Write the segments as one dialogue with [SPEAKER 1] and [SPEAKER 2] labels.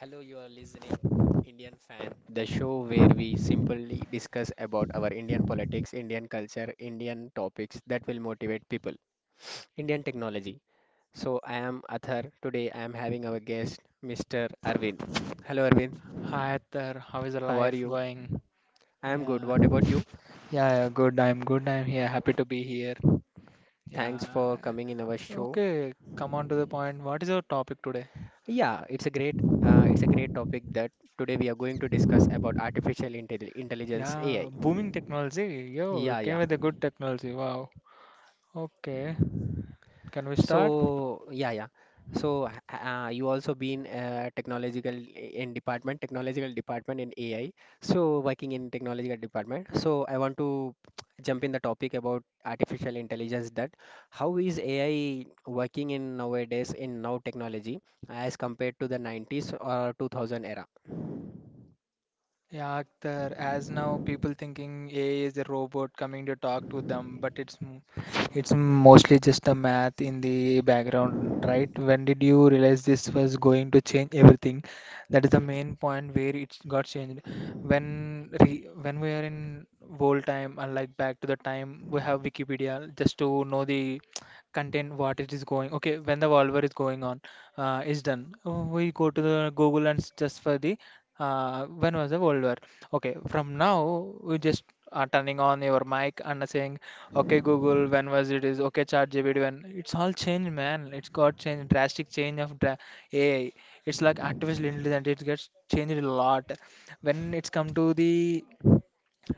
[SPEAKER 1] Hello, you are listening Indian Fan, the show where we simply discuss about our Indian politics, Indian culture, Indian topics that will motivate people. Indian technology. So I am Athar. Today I am having our guest, Mr. Arvind. Hello, Arvind.
[SPEAKER 2] Hi Atar, how is the
[SPEAKER 1] How are
[SPEAKER 2] life
[SPEAKER 1] you?
[SPEAKER 2] going?
[SPEAKER 1] I am good.
[SPEAKER 2] Yeah,
[SPEAKER 1] What about you?
[SPEAKER 2] yeah, yeah, good. I'm good. I'm here. Happy to be here.
[SPEAKER 1] Thanks
[SPEAKER 2] Yeah.
[SPEAKER 1] for coming in our show.
[SPEAKER 2] Okay, come on to the point. What is our topic today?
[SPEAKER 1] Yeah, it's a great topic that today we are going to discuss about intelligence
[SPEAKER 2] Yeah,
[SPEAKER 1] (AI).
[SPEAKER 2] booming technology. Yo, you
[SPEAKER 1] Yeah,
[SPEAKER 2] came
[SPEAKER 1] yeah.
[SPEAKER 2] with a good technology. Wow. Okay, can we start?
[SPEAKER 1] So yeah, yeah. So you also been technological in department, technological department in AI. So working in technological department. So I want to jump in the topic about artificial intelligence. That how is AI working in nowadays in now technology as compared to the 90s or 2000 era?
[SPEAKER 2] Yeah, Akhtar, as now people thinking AI is a robot coming to talk to them, but it's mostly just the math in the background, right? When did you realize this was going to change everything? That is the main point where it got changed. When we are in old time, unlike back to the time we have Wikipedia just to know the content what it is going. Okay, when the Volver is going on is done. We go to the Google and just for the when was the World War? Okay, from now we just are turning on your mic and saying, "Okay, Google, when was it?" Is okay, ChatGPT, when? It's all changed, man. It's got change, drastic change of dra AI. It's like artificial intelligence. It gets changed a lot. When it's come to the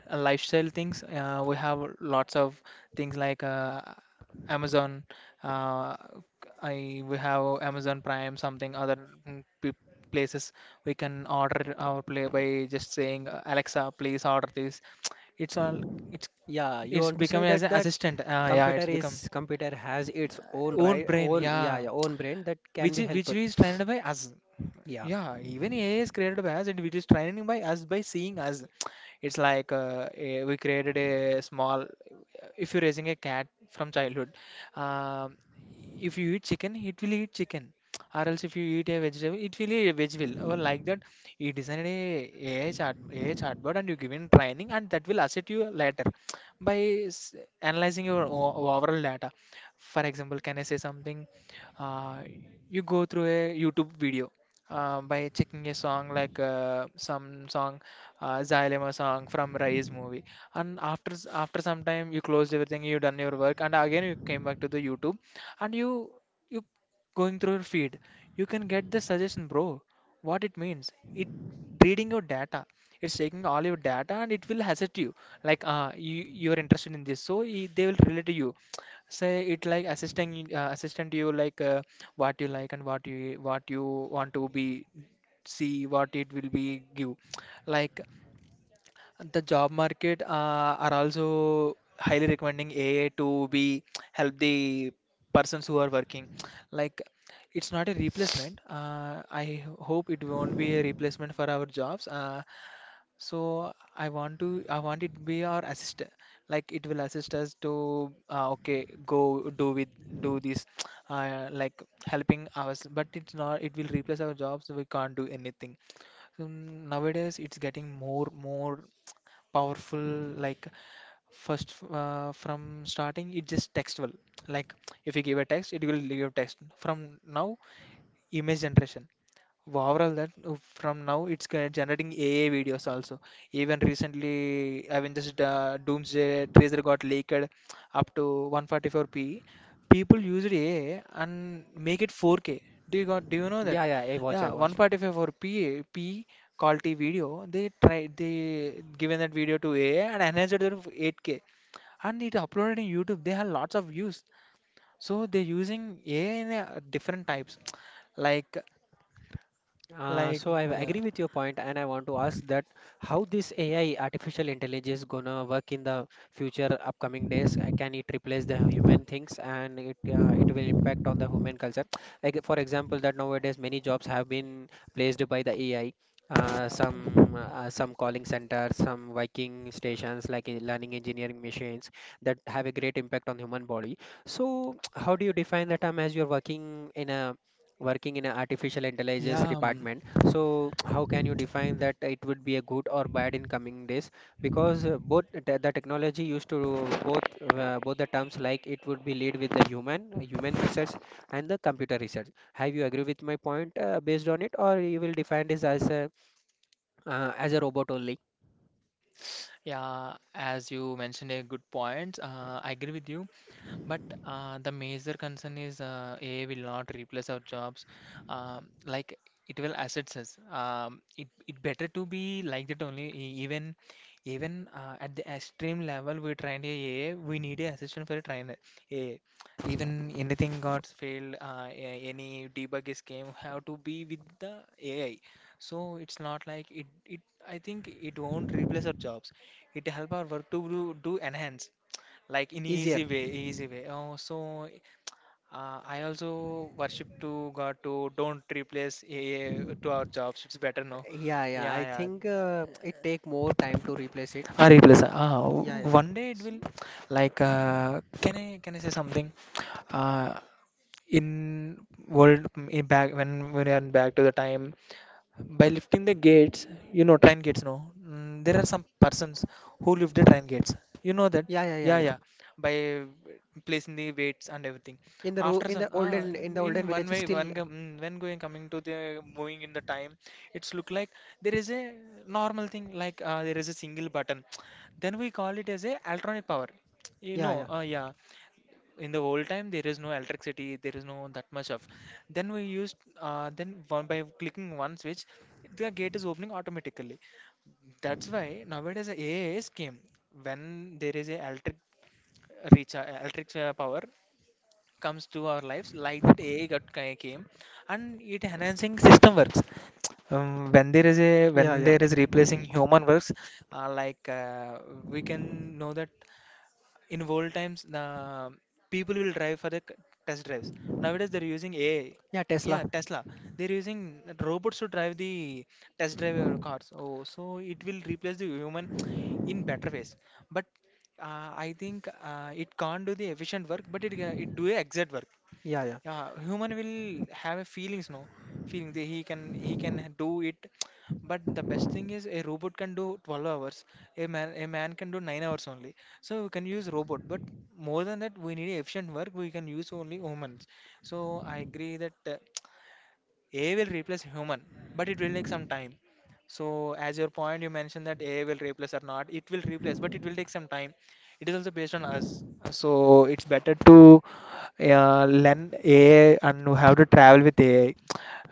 [SPEAKER 2] lifestyle things. We have lots of things like Amazon. Uh, I We have Amazon Prime, something other mm, p- places we can order our play by just saying Alexa, please order this. It's all it's
[SPEAKER 1] Yeah, you
[SPEAKER 2] it's
[SPEAKER 1] want to
[SPEAKER 2] become
[SPEAKER 1] say
[SPEAKER 2] as
[SPEAKER 1] that
[SPEAKER 2] an
[SPEAKER 1] that
[SPEAKER 2] assistant. Yeah, it's become
[SPEAKER 1] computer has its own
[SPEAKER 2] own brain.
[SPEAKER 1] own, yeah,
[SPEAKER 2] Yeah,
[SPEAKER 1] yeah, own brain that can
[SPEAKER 2] which
[SPEAKER 1] be
[SPEAKER 2] is which
[SPEAKER 1] helpful.
[SPEAKER 2] is trained by us.
[SPEAKER 1] Yeah,
[SPEAKER 2] Yeah, even AI is created by us and it is training by us by seeing us. It's like we created a small. If you're raising a cat from childhood, um, if you eat chicken, it will eat chicken. Or else if you eat a vegetable, it will eat a vegetable. Or like that, you designed a AI chart, AI chatbot and you given training and that will assist you later by s- analyzing your overall data. For example, can I say something? Uh, you go through a YouTube video by checking a song like some song, Xylema song from Rise movie, and after some time you closed everything, you done your work, and again you came back to the YouTube, and you going through your feed, you can get the suggestion, bro. What it means? It reading your data. It's taking all your data and it will hazard you. Like you are interested in this, so they will relate to you, say it like assisting assistant you like what you like and what you want to be, see what it will be give, like the job market are also highly recommending AI to be help the persons who are working, like it's not a replacement. I hope it won't be a replacement for our jobs. So I want it to be our assist, like it will assist us to okay go do with, do this like helping us, but it's not, it will replace our jobs, we can't do anything. So nowadays it's getting more powerful, like first from starting it just textual, like if you give a text it will give text. From now image generation, overall that from now it's generating AI videos also. Even recently, Avengers Doomsday teaser got leaked up to 144p. People used AI and make it 4K. Do you got? Do you know that?
[SPEAKER 1] yeah, yeah. I
[SPEAKER 2] Yeah,
[SPEAKER 1] watch.
[SPEAKER 2] 144p p p quality video. They given that video to AI and enhanced it to 8K and it uploaded in YouTube. They have lots of views, so they're using AI in a different types, like
[SPEAKER 1] So I
[SPEAKER 2] yeah.
[SPEAKER 1] agree with your point, and I want to ask that how this AI, artificial intelligence, gonna work in the future, upcoming days? Can it replace the human things, and it will impact on the human culture? Like for example, that nowadays many jobs have been placed by the AI.
[SPEAKER 2] Uh,
[SPEAKER 1] Some calling centers, some working stations like learning engineering machines that have a great impact on human body. So how do you define the term as you're working in a working in an artificial intelligence
[SPEAKER 2] yeah,
[SPEAKER 1] department, so how can you define that it would be a good or bad in coming days because both the technology used to both the terms, like it would be lead with the human research and the computer research. Have you agree with my point based on it, or you will define this as a robot only
[SPEAKER 2] yeah. As you mentioned, a good point. I agree with you. But the major concern is AI will not replace our jobs. Like it will assets us. It better to be like that only. Even at the extreme level, we trained a AI. We need a assistant for a trainer. AI. Even anything got failed, any debug is came have to be with the AI. So it's not like it. I think it won't replace our jobs. It help our work to do enhance, like in
[SPEAKER 1] easier?
[SPEAKER 2] easy way. Oh so I also worship to god to don't replace to our jobs, it's better, no.
[SPEAKER 1] Yeah, yeah,
[SPEAKER 2] Yeah,
[SPEAKER 1] I think
[SPEAKER 2] yeah,
[SPEAKER 1] it take more time to replace it.
[SPEAKER 2] replace
[SPEAKER 1] Yeah, yeah.
[SPEAKER 2] one day it
[SPEAKER 1] S-
[SPEAKER 2] will. Like can I say something? uh, in world in back when we are back to the time, by lifting the gates, you know, train gates, no? There are some persons who lift the train gates, you know that?
[SPEAKER 1] yeah, yeah, yeah,
[SPEAKER 2] Yeah,
[SPEAKER 1] yeah.
[SPEAKER 2] yeah, by placing the weights and everything.
[SPEAKER 1] in the ro
[SPEAKER 2] After
[SPEAKER 1] in
[SPEAKER 2] some
[SPEAKER 1] the olden, in the
[SPEAKER 2] in
[SPEAKER 1] olden
[SPEAKER 2] one
[SPEAKER 1] villages
[SPEAKER 2] way,
[SPEAKER 1] still,
[SPEAKER 2] when going, coming to the moving in the time, it's look like there is a normal thing, like there is a single button then we call it as a electronic power, you
[SPEAKER 1] yeah,
[SPEAKER 2] know.
[SPEAKER 1] yeah.
[SPEAKER 2] Yeah. In the old time there is no electricity, there is no that much of. Then we used, then one by clicking one switch the gate is opening automatically. That's why nowadays the AIs came. When there is a electric reach, electric power comes to our lives, like that AI got came, and it enhancing system works. When
[SPEAKER 1] Yeah, yeah.
[SPEAKER 2] there is replacing human works. Like we can know that in old times people will drive for the test drives, nowadays they're using ai.
[SPEAKER 1] Yeah, Tesla.
[SPEAKER 2] Yeah, Tesla. They're using robots to drive the test drive your cars. Oh, so it will replace the human in better ways. But I think it can't do the efficient work, but it it do a exact work.
[SPEAKER 1] Yeah, yeah.
[SPEAKER 2] Yeah, human will have a feelings, no, feeling that he can do it. But the best thing is, a robot can do 12 hours, a man can do 9 hours only. So we can use robot, but more than that we need efficient work, we can use only humans. So I agree that AI will replace human, but it will take some time. So as your point, you mentioned that AI will replace or not, it will replace, but it will take some time. It is also based on us. So it's better to learn AI and how to travel with AI.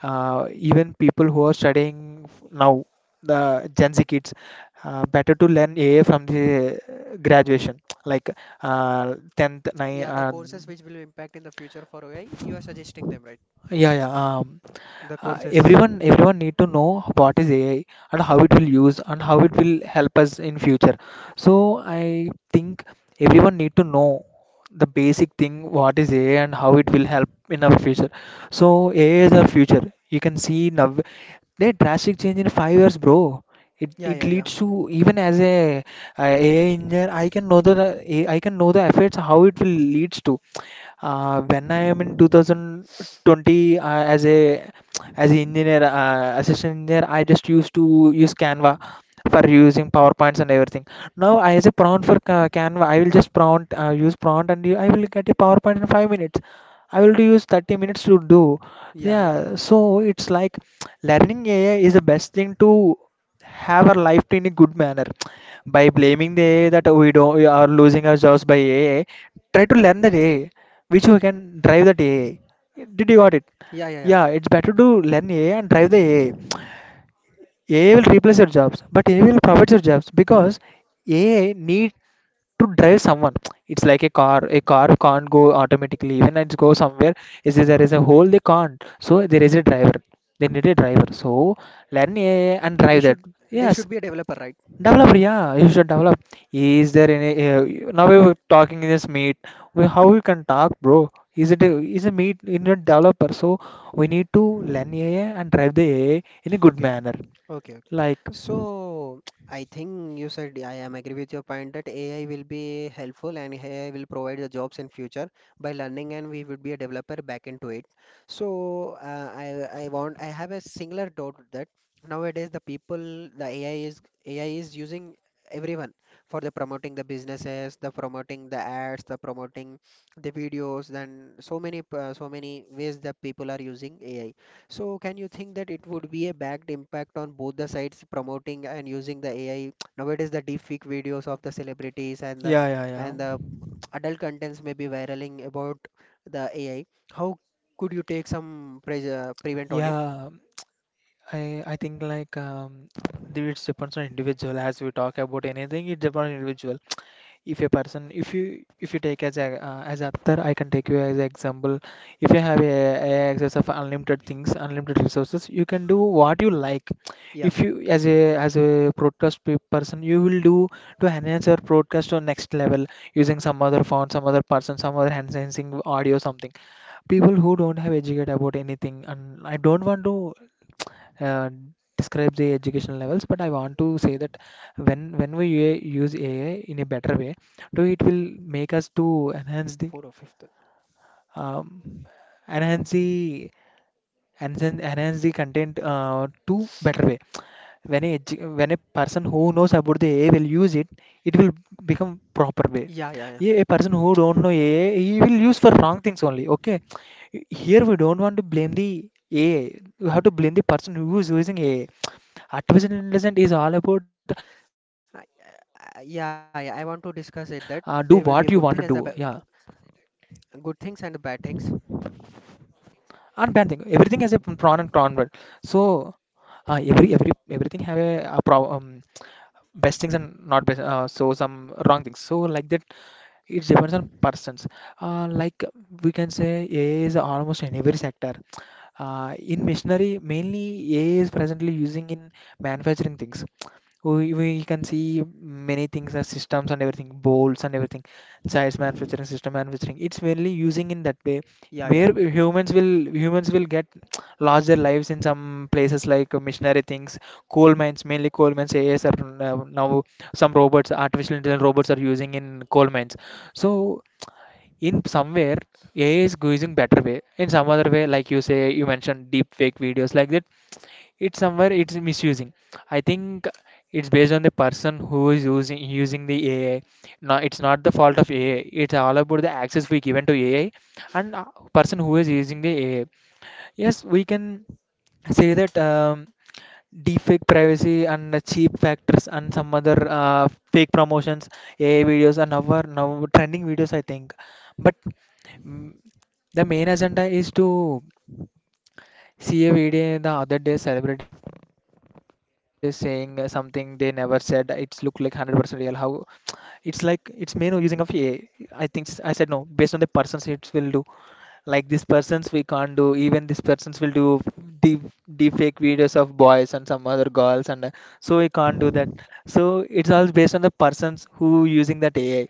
[SPEAKER 2] Even people who are studying now, the Gen Z kids, better to learn AI from the graduation, like 10th, nine.
[SPEAKER 1] Yeah, the courses which will impact in the future for AI, you are suggesting them, right?
[SPEAKER 2] Yeah, yeah.
[SPEAKER 1] The courses.
[SPEAKER 2] Everyone need to know what is AI and how it will use and how it will help us in future. So I think everyone need to know the basic thing, what is AI and how it will help in our future. So AI is our future, you can see now there drastic change in 5 years, bro. it,
[SPEAKER 1] Yeah,
[SPEAKER 2] it
[SPEAKER 1] yeah, yeah.
[SPEAKER 2] leads to, even as a, AI engineer, I can know the effects how it will leads to. When I am in 2020, as an engineer, assistant engineer, I just used to use Canva for using PowerPoints and everything. Now, I as a prompt for Canva, I will just prompt, use prompt and I will get a PowerPoint in 5 minutes. I will do use 30 minutes to do.
[SPEAKER 1] Yeah, yeah.
[SPEAKER 2] Yeah, so it's like learning AI is the best thing to have our life in a good manner. By blaming the AI that we don't, we are losing our jobs by AI, try to learn the AI which we can drive that AI. Did you got it?
[SPEAKER 1] Yeah, yeah, yeah.
[SPEAKER 2] Yeah, it's better to learn AI and drive the AI. AI will replace your jobs, but AI will provide your jobs because AI need to drive someone. It's like a car. A car can't go automatically. When it goes somewhere, is there is a hole they can't. So there is a driver. They need a driver. So learn AI and
[SPEAKER 1] We
[SPEAKER 2] drive that.
[SPEAKER 1] should, there
[SPEAKER 2] Yes.
[SPEAKER 1] should be a developer, right?
[SPEAKER 2] Develop, yeah, you should develop. Is there any now we were talking in this meet? How we can talk, bro? Is a meet in a developer? So we need to learn AI and drive the AI in a good
[SPEAKER 1] Okay.
[SPEAKER 2] manner.
[SPEAKER 1] Okay, okay.
[SPEAKER 2] Like.
[SPEAKER 1] So I think you said, I am agree with your point that AI will be helpful and AI will provide the jobs in future by learning, and we would be a developer back into it. So I have a singular doubt that nowadays the people, the AI is AI is using everyone for the promoting the businesses, the promoting the ads, the promoting the videos, then so many ways that people are using AI. So can you think that it would be a backed impact on both the sides, promoting and using the AI? Nowadays the deepfake videos of the celebrities
[SPEAKER 2] Yeah, yeah, yeah,
[SPEAKER 1] and the adult contents may be viraling about the AI. How could you take some prevent on it?
[SPEAKER 2] yeah. I think, like it depends on individual. As we talk about anything, it depends on individual. If a person if you take as author. I can take you as an example. If you have a access of unlimited things, unlimited resources, you can do what you like.
[SPEAKER 1] Yeah,
[SPEAKER 2] If you, as a broadcast person, you will do to enhance your broadcast to next level, using some other font, some other person, some other enhancing audio, something. People who don't have educate about anything, and I don't want to uh, describe the education levels, but I want to say that when we use AI in a better way, do, it will make us to enhance the,
[SPEAKER 1] four or fifth.
[SPEAKER 2] um, enhance the enhance, enhance the content to better way. When a person who knows about the AI will use it it will become proper way.
[SPEAKER 1] Yeah, yeah, yeah.
[SPEAKER 2] Yeah, a person who don't know AI, he will use for wrong things only, okay. Here we don't want to blame the AI. We have to blame the person who is using AI. Artificial intelligence is all about do
[SPEAKER 1] I,
[SPEAKER 2] what you want to do,
[SPEAKER 1] yeah, yeah. I
[SPEAKER 2] yeah.
[SPEAKER 1] want to discuss it that there will be a good thing as good things and the bad
[SPEAKER 2] And bad
[SPEAKER 1] things.
[SPEAKER 2] thing, everything has a prawn and con word, so everything have a pro, best things and not best, so some wrong things, so like that. It depends on persons. Like, we can say AI is almost in every sector. In machinery mainly, AI is presently using in manufacturing things. We can see many things as systems and everything, bolts and everything, size manufacturing, system manufacturing. It's mainly using in that way,
[SPEAKER 1] Yeah, yeah.
[SPEAKER 2] where humans will get lost their lives in some places like missionary things, coal mines, mainly coal mines. AIs are now some robots, artificial intelligence robots are using in coal mines. So in somewhere, AI is using better way. In some other way, like you say, you mentioned deep fake videos, like that, it's somewhere it's misusing, I think. It's based on the person who is using the AI. No, it's not the fault of AI. It's all about the access we given to AI, and person who is using the AI. Yes, we can say that deepfake privacy and the cheap factors and some other fake promotions, AI videos, and our now trending videos, I think. But mm, the main agenda is to see a video the other day, celebrities saying something they never said. It's look like 100% real. How, it's like, it's main using of AI. I said no, based on the persons it will do. Like, these persons we can't do. Even these persons will do deep deep fake videos of boys and some other girls, and so we can't do that. So it's all based on the persons who using that AI.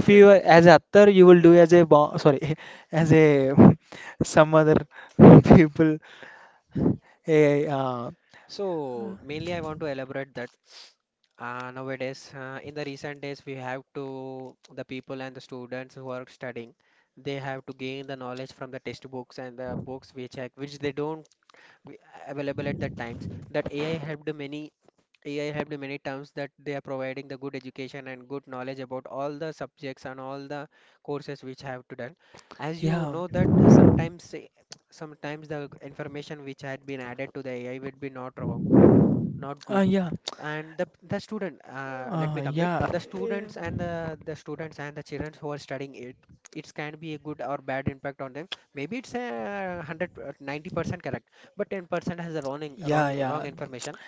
[SPEAKER 2] If
[SPEAKER 1] okay.
[SPEAKER 2] as a author you will do as sorry as a some other people. Hey,
[SPEAKER 1] So mainly I want to elaborate that. Nowadays, in the recent days, we have to, the people and the students who are studying, they have to gain the knowledge from the textbooks and the books which are, which they don't w- available at that times. That AI helped many, AI helped many terms that they are providing the good education and good knowledge about all the subjects and all the courses which have to done. As you
[SPEAKER 2] yeah.
[SPEAKER 1] know that, sometimes, sometimes the information which had been added to the AI would be not wrong, not good,
[SPEAKER 2] Yeah.
[SPEAKER 1] and the student let me complete.
[SPEAKER 2] Yeah.
[SPEAKER 1] The
[SPEAKER 2] Eh.
[SPEAKER 1] students and the students and the children who are studying it, it can be a good or bad impact on them. Maybe it's a hundred 90% correct, but 10% has a wrong in-
[SPEAKER 2] Yeah,
[SPEAKER 1] wrong wrong
[SPEAKER 2] yeah.
[SPEAKER 1] information.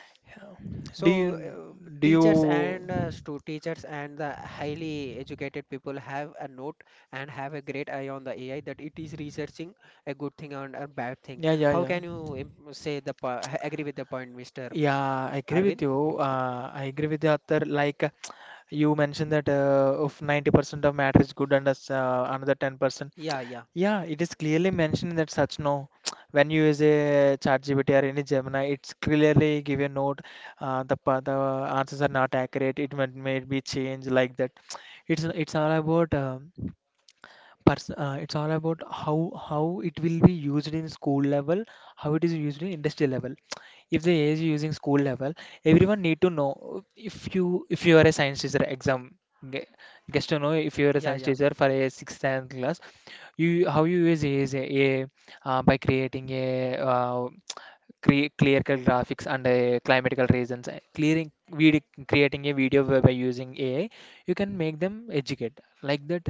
[SPEAKER 2] Do
[SPEAKER 1] So,
[SPEAKER 2] you, do you,
[SPEAKER 1] teachers and the highly educated people have a note and have a great eye on the AI that it is researching a good thing and a bad thing.
[SPEAKER 2] yeah, yeah,
[SPEAKER 1] How
[SPEAKER 2] yeah,
[SPEAKER 1] can you say agree with the point, Mr.
[SPEAKER 2] yeah. I agree
[SPEAKER 1] Arvind?
[SPEAKER 2] with you. I agree with you, Akhtar. Like you mentioned that of 90% of matter is good and that's another 10%.
[SPEAKER 1] Yeah, yeah,
[SPEAKER 2] Yeah, it is clearly mentioned that, such no when you use a ChatGPT or any Gemini, it's clearly give a note the answers are not accurate. It might may be changed like that. It's all about it's all about how it will be used in school level, how it is used in industry level. If the AI is using school level, everyone need to know. If you are a science teacher ge- gets to know if you are a
[SPEAKER 1] yeah,
[SPEAKER 2] science
[SPEAKER 1] yeah.
[SPEAKER 2] teacher for a sixth and class, you, how you use AI is by creating a crea clerical graphics and climatical reasons, clearing video, creating a video by using AI, you can make them educate like that.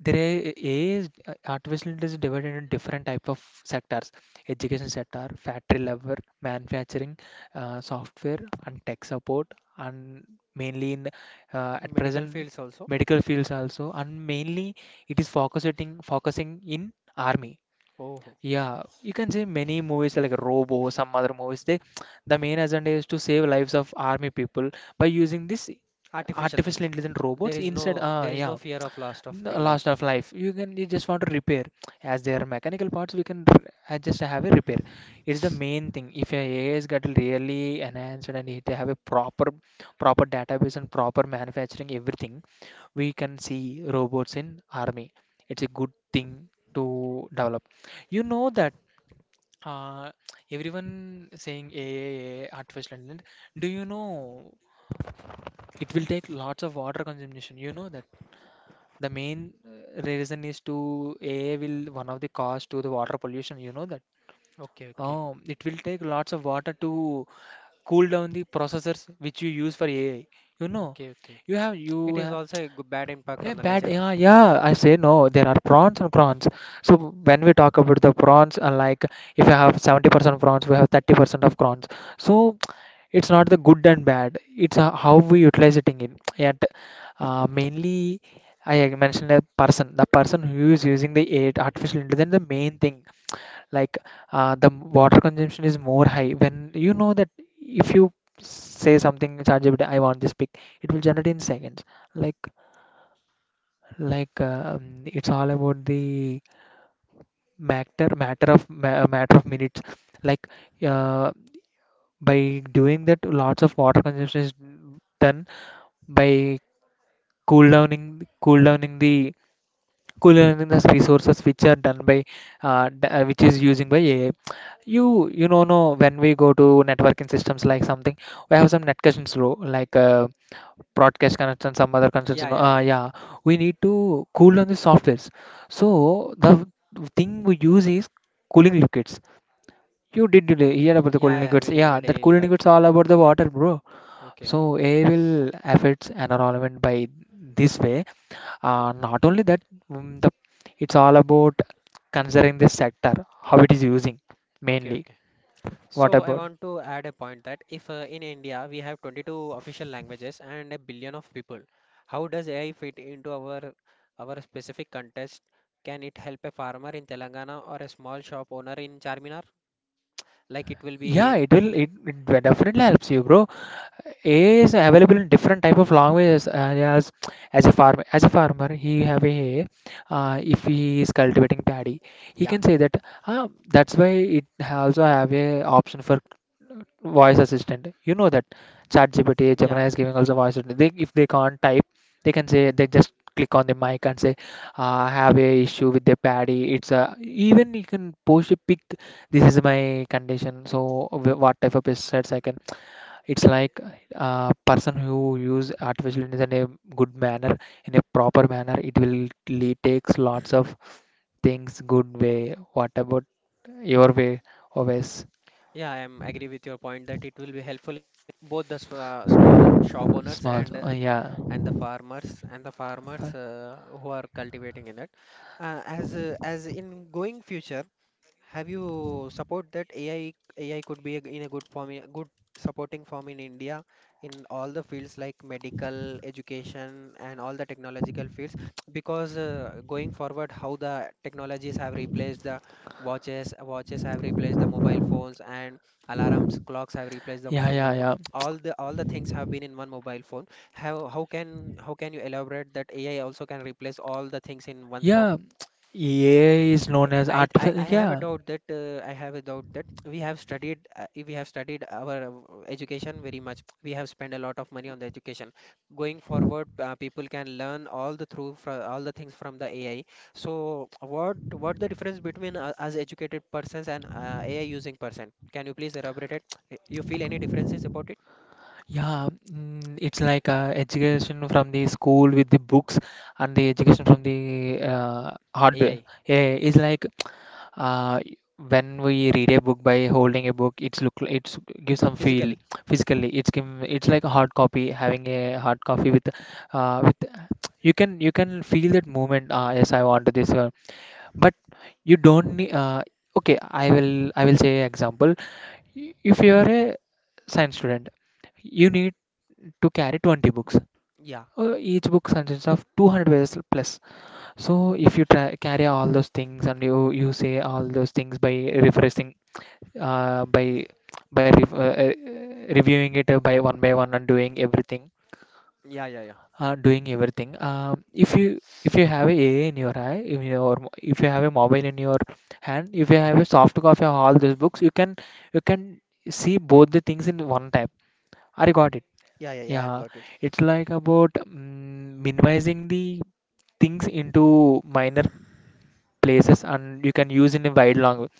[SPEAKER 2] There is artificial intelligence divided into different type of sectors: education sector, factory level, manufacturing, software, and tech support, and mainly in at
[SPEAKER 1] Medical
[SPEAKER 2] present,
[SPEAKER 1] fields also.
[SPEAKER 2] medical fields also, and mainly it is focusing in army.
[SPEAKER 1] Oh,
[SPEAKER 2] Yeah, you can say many movies like Robo, some other movies. They, the main agenda is to save lives of army people by using this
[SPEAKER 1] artificial
[SPEAKER 2] artificial
[SPEAKER 1] things.
[SPEAKER 2] intelligent
[SPEAKER 1] There
[SPEAKER 2] robots
[SPEAKER 1] is
[SPEAKER 2] instead.
[SPEAKER 1] no, there is no
[SPEAKER 2] Yeah.
[SPEAKER 1] fear of loss of pe-
[SPEAKER 2] The last
[SPEAKER 1] life.
[SPEAKER 2] of life, you can, you just want to repair, as they are mechanical parts we can I just have a repair. It's the main thing, if your AI has got really enhanced and it have a proper database and proper manufacturing everything, we can see robots in army. It's a good thing to develop. You know that uh, everyone saying AI, artificial intelligence, do you know it will take lots of water consumption? You know that the main reason is to AI will one of the cause to the water pollution. You know that.
[SPEAKER 1] Okay, okay,
[SPEAKER 2] Oh, it will take lots of water to cool down the processors which you use for AI. You know,
[SPEAKER 1] okay, okay. It
[SPEAKER 2] you
[SPEAKER 1] is
[SPEAKER 2] ha.
[SPEAKER 1] also a good, bad impact
[SPEAKER 2] Yeah,
[SPEAKER 1] on the
[SPEAKER 2] bad.
[SPEAKER 1] nature.
[SPEAKER 2] Yeah, yeah. I say no. There are prawns and prawns. So when we talk about the prawns, like, if I have 70% prawns, we have 30% of prawns. So it's not the good and bad. It's how we utilize it in. Yet mainly, I had mentioned a person. The person who is using the aid artificial intelligence, the main thing. Like, the water consumption is more high. When you know that, if you say something, ChatGPT, I want this pic, it will generate in seconds. Like like, it's all about the matter of minutes, like, uh, by doing that, lots of water consumption is done by cool downing cool downing the cool downing the resources which are done by which is using by AI. You know, no, when we go to networking systems like something, we have some netconnections row, like broadcast connections, some other connections.
[SPEAKER 1] Yeah,
[SPEAKER 2] No.
[SPEAKER 1] yeah, yeah.
[SPEAKER 2] Yeah. We need to cool down the softwares. So the thing we use is cooling liquids. You did really hear about the cooling
[SPEAKER 1] Yeah, I
[SPEAKER 2] liquids?
[SPEAKER 1] will in
[SPEAKER 2] Yeah,
[SPEAKER 1] my
[SPEAKER 2] that
[SPEAKER 1] daily
[SPEAKER 2] cooling liquids
[SPEAKER 1] life.
[SPEAKER 2] all about the water, bro.
[SPEAKER 1] Okay, okay,
[SPEAKER 2] So air will affect environment by this way. Not only that, the, it's all about considering the sector, how it is using
[SPEAKER 1] okay,
[SPEAKER 2] mainly.
[SPEAKER 1] okay.
[SPEAKER 2] What
[SPEAKER 1] So I
[SPEAKER 2] about?
[SPEAKER 1] want to add a point that if, in India we have 22 official languages and a billion of people, how does AI fit into our specific context? Can it help a farmer in Telangana or a small shop owner in Charminar? Like it will
[SPEAKER 2] Yeah,
[SPEAKER 1] be,
[SPEAKER 2] it will. It definitely helps you, bro. AI is available in different type of languages. As as a farmer, he have a, if he is cultivating paddy, he
[SPEAKER 1] yeah.
[SPEAKER 2] can say that. That's why it also have a option for voice assistant. You know that ChatGPT,
[SPEAKER 1] Yeah,
[SPEAKER 2] Gemini is giving also voice assistant. They, if they can't type, they can say, they just click on the mic and say, "Have a issue with the paddy." It's a, even you can post a pic. This is my condition. So what type of pesticides I can. It's like a person who use artificial intelligence in a good manner, in a proper manner, it will lead, takes lots of things good way. What about your way, always?
[SPEAKER 1] yeah, I am agree with your point that it will be helpful both small shop owners
[SPEAKER 2] Small, yeah.
[SPEAKER 1] and the farmers,
[SPEAKER 2] Far-
[SPEAKER 1] who are cultivating in that. As in going future, have you support that AI could be a, in a good form, a good supporting form in India in all the fields like medical, education, and all the technological fields? Because, going forward, how the technologies have replaced the watches, watches have replaced the mobile phones, and alarms, clocks have replaced them.
[SPEAKER 2] yeah,
[SPEAKER 1] And
[SPEAKER 2] yeah, yeah,
[SPEAKER 1] all the things have been in one mobile phone. How can you elaborate that AI also can replace all the things in one form?
[SPEAKER 2] yeah. AI is known as
[SPEAKER 1] I, I
[SPEAKER 2] artificial,
[SPEAKER 1] I have a
[SPEAKER 2] yeah.
[SPEAKER 1] doubt that, I have a doubt that we have studied, we have studied our, education very much. We have spent a lot of money on the education. Going forward, people can learn all all the things from the AI. So what the difference between, us educated persons and, AI using person? Can you please elaborate it? You feel any differences about it?
[SPEAKER 2] Yeah. It's like, education from the school with the books, and the education from the hardware.
[SPEAKER 1] AI
[SPEAKER 2] Yeah, it's like uh, when we read a book by holding a book, it's look, it's gives some feel.
[SPEAKER 1] physically?
[SPEAKER 2] Physically, it's like a hard copy, having a hard copy with with you can feel that movement. Yes, I want this one. But you don't need, okay, I will, I will say example. If you are a science student, you need to carry 20 books,
[SPEAKER 1] Yeah,
[SPEAKER 2] each book consists of 200 pages plus. So if you try, carry all those things, and you say all those things by refreshing, uh, by by re- uh, uh, reviewing it, by one by one, and
[SPEAKER 1] yeah, yeah, yeah,
[SPEAKER 2] doing everything. If you have a AI in your eye, in your if you have a mobile in your hand, if you have a soft copy of all these books, you can see both the things in one tab. I got it.
[SPEAKER 1] yeah, yeah, yeah. I'm
[SPEAKER 2] Yeah,
[SPEAKER 1] got it.
[SPEAKER 2] it's like about minimizing the things into minor places, and you can use in a wide language.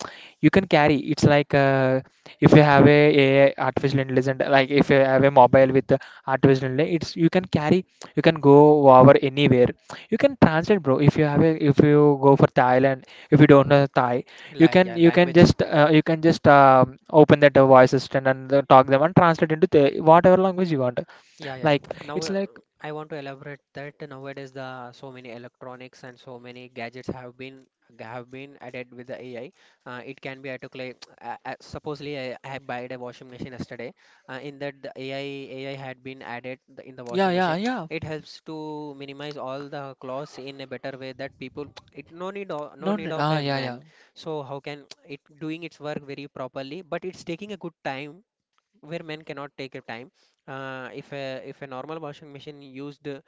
[SPEAKER 2] You can carry. It's like, if you have a artificial intelligence, like if you have a mobile with artificial intelligence, it's you can carry, you can go over anywhere. You can translate, bro, if you have a, if you go for Thailand, if you don't know Thai,
[SPEAKER 1] Like, yeah, language.
[SPEAKER 2] you can just, open that voice assistant and talk them and translate into the whatever language you want.
[SPEAKER 1] Yeah, yeah, yeah.
[SPEAKER 2] Like,
[SPEAKER 1] Now,
[SPEAKER 2] it's like.
[SPEAKER 1] I want to elaborate that nowadays the so many electronics and so many gadgets have been added with the AI. It can be at a clay. Supposedly, I bought a washing machine yesterday. In that, the AI had been added in the
[SPEAKER 2] Yeah,
[SPEAKER 1] washing
[SPEAKER 2] yeah,
[SPEAKER 1] machine.
[SPEAKER 2] yeah.
[SPEAKER 1] It helps to minimize all the clothes in a better way that people. It no need, no
[SPEAKER 2] No, no.
[SPEAKER 1] need of
[SPEAKER 2] Ah,
[SPEAKER 1] a
[SPEAKER 2] yeah, yeah.
[SPEAKER 1] man. So how can it doing its work very properly? But it's taking a good time where men cannot take a time. If a normal washing machine used,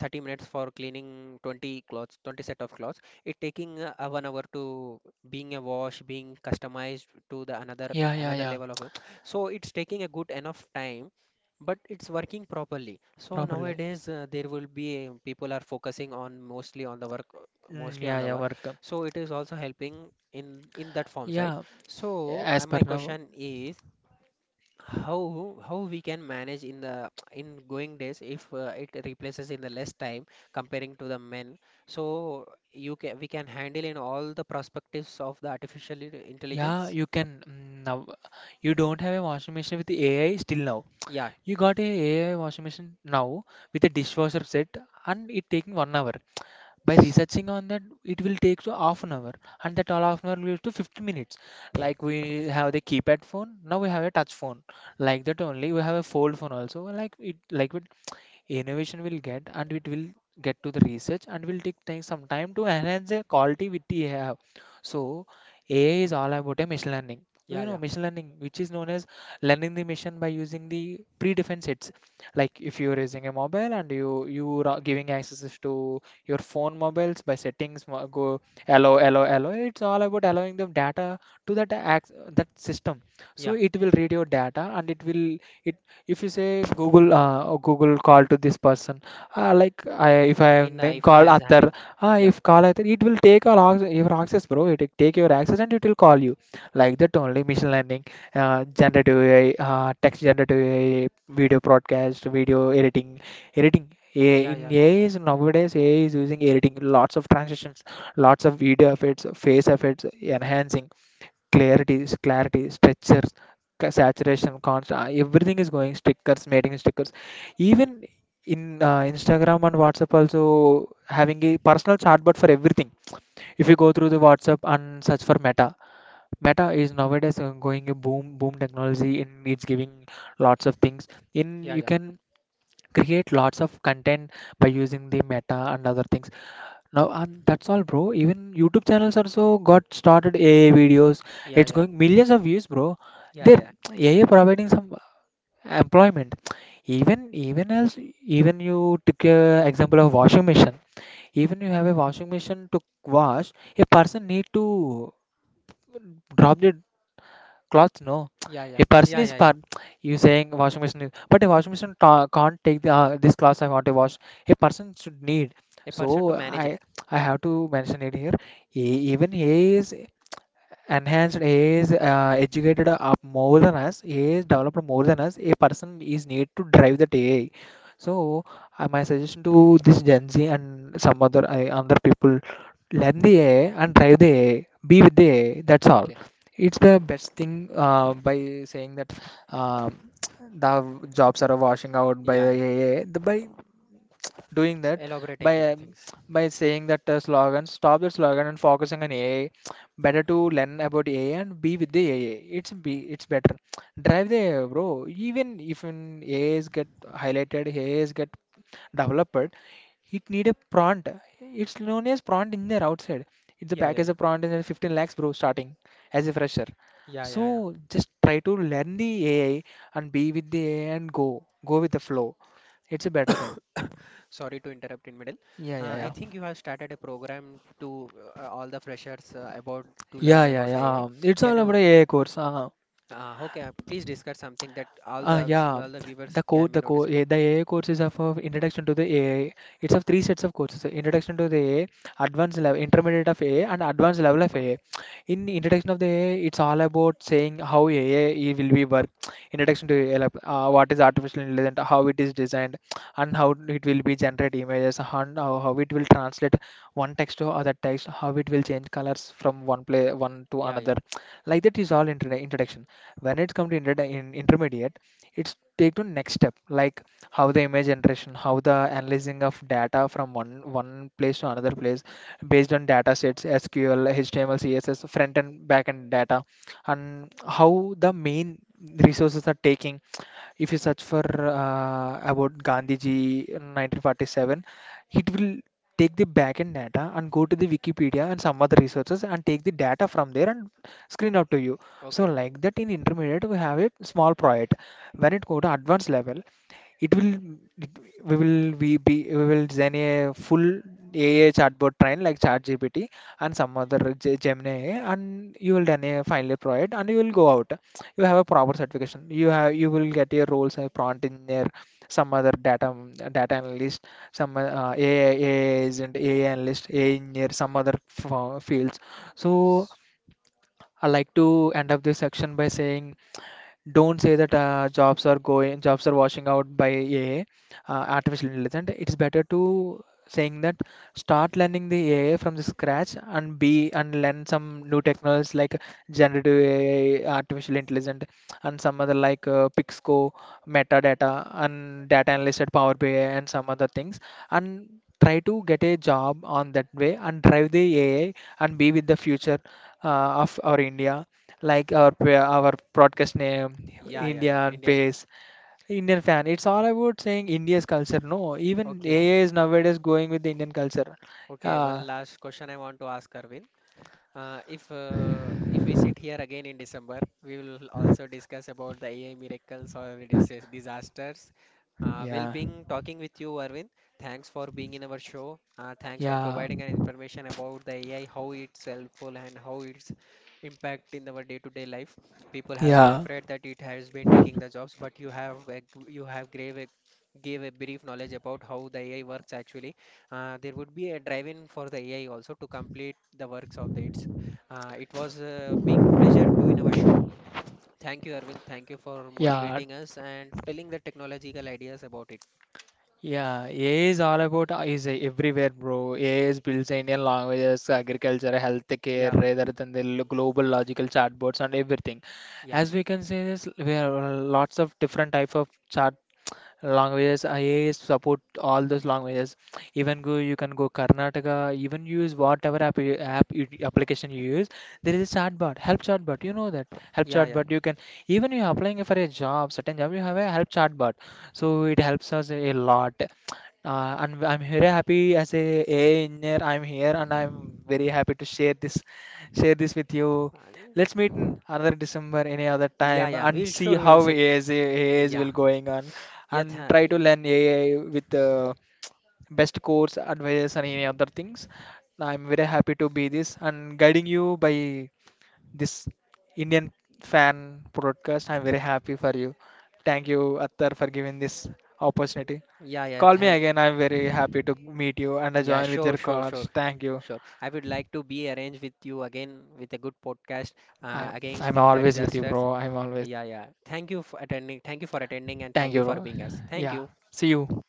[SPEAKER 1] 30 minutes for cleaning 20 clothes, 20 set of clothes, it taking, a 1 hour to being a wash, being customized to the another
[SPEAKER 2] Yeah, yeah,
[SPEAKER 1] another
[SPEAKER 2] yeah.
[SPEAKER 1] level of. So it's taking a good enough time, but it's working properly. So
[SPEAKER 2] Properly.
[SPEAKER 1] nowadays, there will be, people are focusing on mostly on the work,
[SPEAKER 2] Mm,
[SPEAKER 1] mostly on
[SPEAKER 2] yeah,
[SPEAKER 1] the
[SPEAKER 2] yeah,
[SPEAKER 1] work.
[SPEAKER 2] work.
[SPEAKER 1] So it is also helping in that forms, right?
[SPEAKER 2] Yeah,
[SPEAKER 1] So,
[SPEAKER 2] as per
[SPEAKER 1] my
[SPEAKER 2] now.
[SPEAKER 1] question is how, we can manage in the in going days if, it replaces in the less time comparing to the men, so you can, we can handle in all the perspectives of the
[SPEAKER 2] Yeah,
[SPEAKER 1] intelligence.
[SPEAKER 2] you can now. You don't have a washing machine with AI still now.
[SPEAKER 1] Yeah,
[SPEAKER 2] You got a AI washing machine now with a dishwasher set, and it taking 1 hour. By researching on that, it will take to half an hour, and that all half an hour will to 50 minutes.
[SPEAKER 1] yeah,
[SPEAKER 2] Like we have the keypad phone, now we have a touch phone. Like that only, we have a fold phone also. Like it, like with innovation will get and it will get to the research and will take time, some time to enhance the quality which we have. So AI is all about a machine learning.
[SPEAKER 1] yeah,
[SPEAKER 2] You know,
[SPEAKER 1] yeah,
[SPEAKER 2] machine learning, which is known as learning the machine by using the predefined sets. Like if you're using a mobile and you are giving access to your phone mobiles by settings go allow. It's all about allowing the data to that that system. So
[SPEAKER 1] yeah.
[SPEAKER 2] it will read your data and it will, if you say Google, oh, Google, call to this person, like I, if I
[SPEAKER 1] In
[SPEAKER 2] am
[SPEAKER 1] the
[SPEAKER 2] then
[SPEAKER 1] iPhone
[SPEAKER 2] call
[SPEAKER 1] as
[SPEAKER 2] Atar,
[SPEAKER 1] having, yeah,
[SPEAKER 2] if call Atar it will take our access, your access bro, it will take your access and it will call you. Like that only machine learning, generative AI, text generative AI, video broadcast, video editing editing
[SPEAKER 1] yeah,
[SPEAKER 2] in
[SPEAKER 1] yeah,
[SPEAKER 2] AI is nowadays, AI is using editing lots of transitions, lots of video effects, face effects, enhancing clarity, stretchers, saturation, constant, everything is going, stickers, mating stickers. Even in Instagram and WhatsApp also having a personal chatbot for everything. If you go through the WhatsApp and search for Meta, Meta is nowadays going a boom boom technology in it's giving lots of things. In
[SPEAKER 1] yeah,
[SPEAKER 2] you
[SPEAKER 1] yeah,
[SPEAKER 2] can create lots of content by using the Meta and other things. Now, and that's all, bro. Even YouTube channels also got started AI videos.
[SPEAKER 1] yeah,
[SPEAKER 2] It's
[SPEAKER 1] yeah,
[SPEAKER 2] going millions of views, bro.
[SPEAKER 1] yeah,
[SPEAKER 2] They're
[SPEAKER 1] yeah,
[SPEAKER 2] AI providing some employment. Even else, even you take a example of washing machine. Even you have a washing machine to wash, a person need to drop the clothes, no,
[SPEAKER 1] yeah, yeah,
[SPEAKER 2] a person
[SPEAKER 1] yeah,
[SPEAKER 2] is
[SPEAKER 1] yeah, yeah,
[SPEAKER 2] part. You saying washing machine is- but a washing machine ta- can't take the, this clothes I want to wash, a person should need.
[SPEAKER 1] a person to
[SPEAKER 2] So
[SPEAKER 1] manage it.
[SPEAKER 2] i I have to mention it here. Even he is enhanced. AI is educated up more than us. AI is developed more than us. A person is need to drive that AI. So my suggestion to this Gen Z and some other other people, learn the AI and drive the AI. Be with the AI. That's all.
[SPEAKER 1] Okay.
[SPEAKER 2] It's the best thing by saying that um the jobs are washing out by
[SPEAKER 1] Yeah,
[SPEAKER 2] the
[SPEAKER 1] yeah,
[SPEAKER 2] AI. The, by doing that, by
[SPEAKER 1] elaborating things
[SPEAKER 2] um,
[SPEAKER 1] things
[SPEAKER 2] by saying that slogan, stop that slogan and focusing on AI. Better to learn about AI and be with the AI. It's better. Drive the AI, bro. Even if in AIs get highlighted, AIs get developed, it need a prompt. It's known as prompt engineer outside. It's a
[SPEAKER 1] Yeah, yeah,
[SPEAKER 2] package
[SPEAKER 1] yeah,
[SPEAKER 2] of prompt engineer 15 lakhs, bro, starting as a fresher.
[SPEAKER 1] yeah, yeah, yeah.
[SPEAKER 2] So just try to learn the AI and be with the AI and go with the flow. It's a better thing.
[SPEAKER 1] Sorry to interrupt in middle.
[SPEAKER 2] Yeah, yeah,
[SPEAKER 1] I
[SPEAKER 2] yeah.
[SPEAKER 1] think you have started a program to, all the freshers, about to
[SPEAKER 2] Yeah,
[SPEAKER 1] learn
[SPEAKER 2] yeah,
[SPEAKER 1] about the
[SPEAKER 2] yeah.
[SPEAKER 1] AI.
[SPEAKER 2] It's
[SPEAKER 1] Can
[SPEAKER 2] all about
[SPEAKER 1] you
[SPEAKER 2] AI course.
[SPEAKER 1] How can please discuss something that
[SPEAKER 2] Yeah,
[SPEAKER 1] all the viewers can be
[SPEAKER 2] the core,
[SPEAKER 1] noticed?
[SPEAKER 2] the AI courses of introduction to the AI. It's of three sets of courses: So, introduction to the AI, advanced level, intermediate of AI, and advanced level of AI. In introduction of the AI, it's all about saying how AI will be work. Introduction to AI, like, what is artificial intelligence, how it is designed, and how it will be generate images, and how it will translate one text to other text, how it will change colors from one play one to
[SPEAKER 1] Yeah, yeah.
[SPEAKER 2] another. Like that is all introduction. When it comes to intermediate, it's take to next step, like how the image generation, how the analyzing of data from one place to another place, based on data sets, SQL, HTML, CSS, front and back end data, and how the main resources are taking. If you search for about Gandhiji 1947, it will take the backend data and go to the Wikipedia and some other resources and take the data from there and screen out to you. So
[SPEAKER 1] Okay, okay.
[SPEAKER 2] like that in intermediate we have a small project. When it go to advanced level, it will it- we will design a full AI chatbot train like ChatGPT and some other Gemini AI, and you will done a final project and you will go out. You have a proper certification. You will get your roles a prompt engineer, some other data analyst, some AI agent, AI analyst, AI engineer, some other fields. So
[SPEAKER 1] S-
[SPEAKER 2] I like to end up this section by saying, don't say that jobs are going, jobs are washing out by AI, artificial intelligence. It's better to saying that, start learning the AI from the scratch and be and learn some new technologies, like generative AI, artificial intelligence, and some other like Pixco, metadata and data analyst at Power BI and some other things, and try to get a job on that way and drive the AI and be with the future of our India, like our our broadcast name,
[SPEAKER 1] yeah, yeah, yeah.
[SPEAKER 2] Indian
[SPEAKER 1] Indian.
[SPEAKER 2] face, Indian fan. It's all about saying India's culture, no, even
[SPEAKER 1] Okay,
[SPEAKER 2] AI is nowadays going with the Indian culture.
[SPEAKER 1] okay.
[SPEAKER 2] uh,
[SPEAKER 1] One last question I want to ask Arvind. If, if we sit here again in December, we will also discuss about the AI miracles or disasters. We'll
[SPEAKER 2] yeah,
[SPEAKER 1] be talking with you, Arvind. Thanks for being in our show. Thanks for
[SPEAKER 2] yeah,
[SPEAKER 1] providing an information about the AI, how it's helpful and how it's impact in our day-to-day life. People have been
[SPEAKER 2] yeah,
[SPEAKER 1] afraid that it has been taking the jobs, but you have you have gave a, gave a brief knowledge about how the AI works actually. There would be a drive-in for the AI also to complete the works of the it. It was, being pleasure to in our show. Thank you, Arvind. Thank you for
[SPEAKER 2] yeah,
[SPEAKER 1] motivating us and telling the technological ideas about it.
[SPEAKER 2] yeah, AI is all about is everywhere, bro. AI is builds Indian languages, agriculture, healthcare,
[SPEAKER 1] Yeah,
[SPEAKER 2] rather than the global logical chatbots and everything.
[SPEAKER 1] yeah,
[SPEAKER 2] As we can say, this we have lots of different type of chat languages. IAS support all those languages. Even go, you can go Karnataka, even use whatever app, application you use, there is a chatbot, help chatbot, you know that, help
[SPEAKER 1] yeah,
[SPEAKER 2] chatbot you can, even you are applying for a job, certain job, you have a help chatbot. So it helps us a lot. And I'm very happy as a AI engineer. I'm here and I'm very happy to share this with you.
[SPEAKER 1] yeah,
[SPEAKER 2] Let's meet in another December any other
[SPEAKER 1] yeah,
[SPEAKER 2] time
[SPEAKER 1] yeah.
[SPEAKER 2] and
[SPEAKER 1] We'll
[SPEAKER 2] see
[SPEAKER 1] sure we will
[SPEAKER 2] how
[SPEAKER 1] sit.
[SPEAKER 2] AIs
[SPEAKER 1] Yeah,
[SPEAKER 2] will going on,
[SPEAKER 1] yeah,
[SPEAKER 2] and try to learn AI with the best course advice and any other things. I'm very happy to be this and guiding you by this Indian fan podcast. I'm very happy for you. Thank you, Attar, for giving this opportunity.
[SPEAKER 1] yeah, yeah.
[SPEAKER 2] Call me
[SPEAKER 1] Thank.
[SPEAKER 2] again. I'm very happy to meet you and I
[SPEAKER 1] Yeah,
[SPEAKER 2] join with
[SPEAKER 1] sure,
[SPEAKER 2] your
[SPEAKER 1] sure,
[SPEAKER 2] cards.
[SPEAKER 1] sure,
[SPEAKER 2] Thank you.
[SPEAKER 1] sure. I would like to be arranged with you again with a good podcast.
[SPEAKER 2] I'm I'm
[SPEAKER 1] Again, the
[SPEAKER 2] always with you,
[SPEAKER 1] disasters.
[SPEAKER 2] bro. I'm always.
[SPEAKER 1] Yeah, yeah. Thank you for attending. Thank you for attending, and
[SPEAKER 2] Thank
[SPEAKER 1] thank you
[SPEAKER 2] you,
[SPEAKER 1] for
[SPEAKER 2] bro.
[SPEAKER 1] being us. Thank
[SPEAKER 2] Yeah.
[SPEAKER 1] you.
[SPEAKER 2] See you.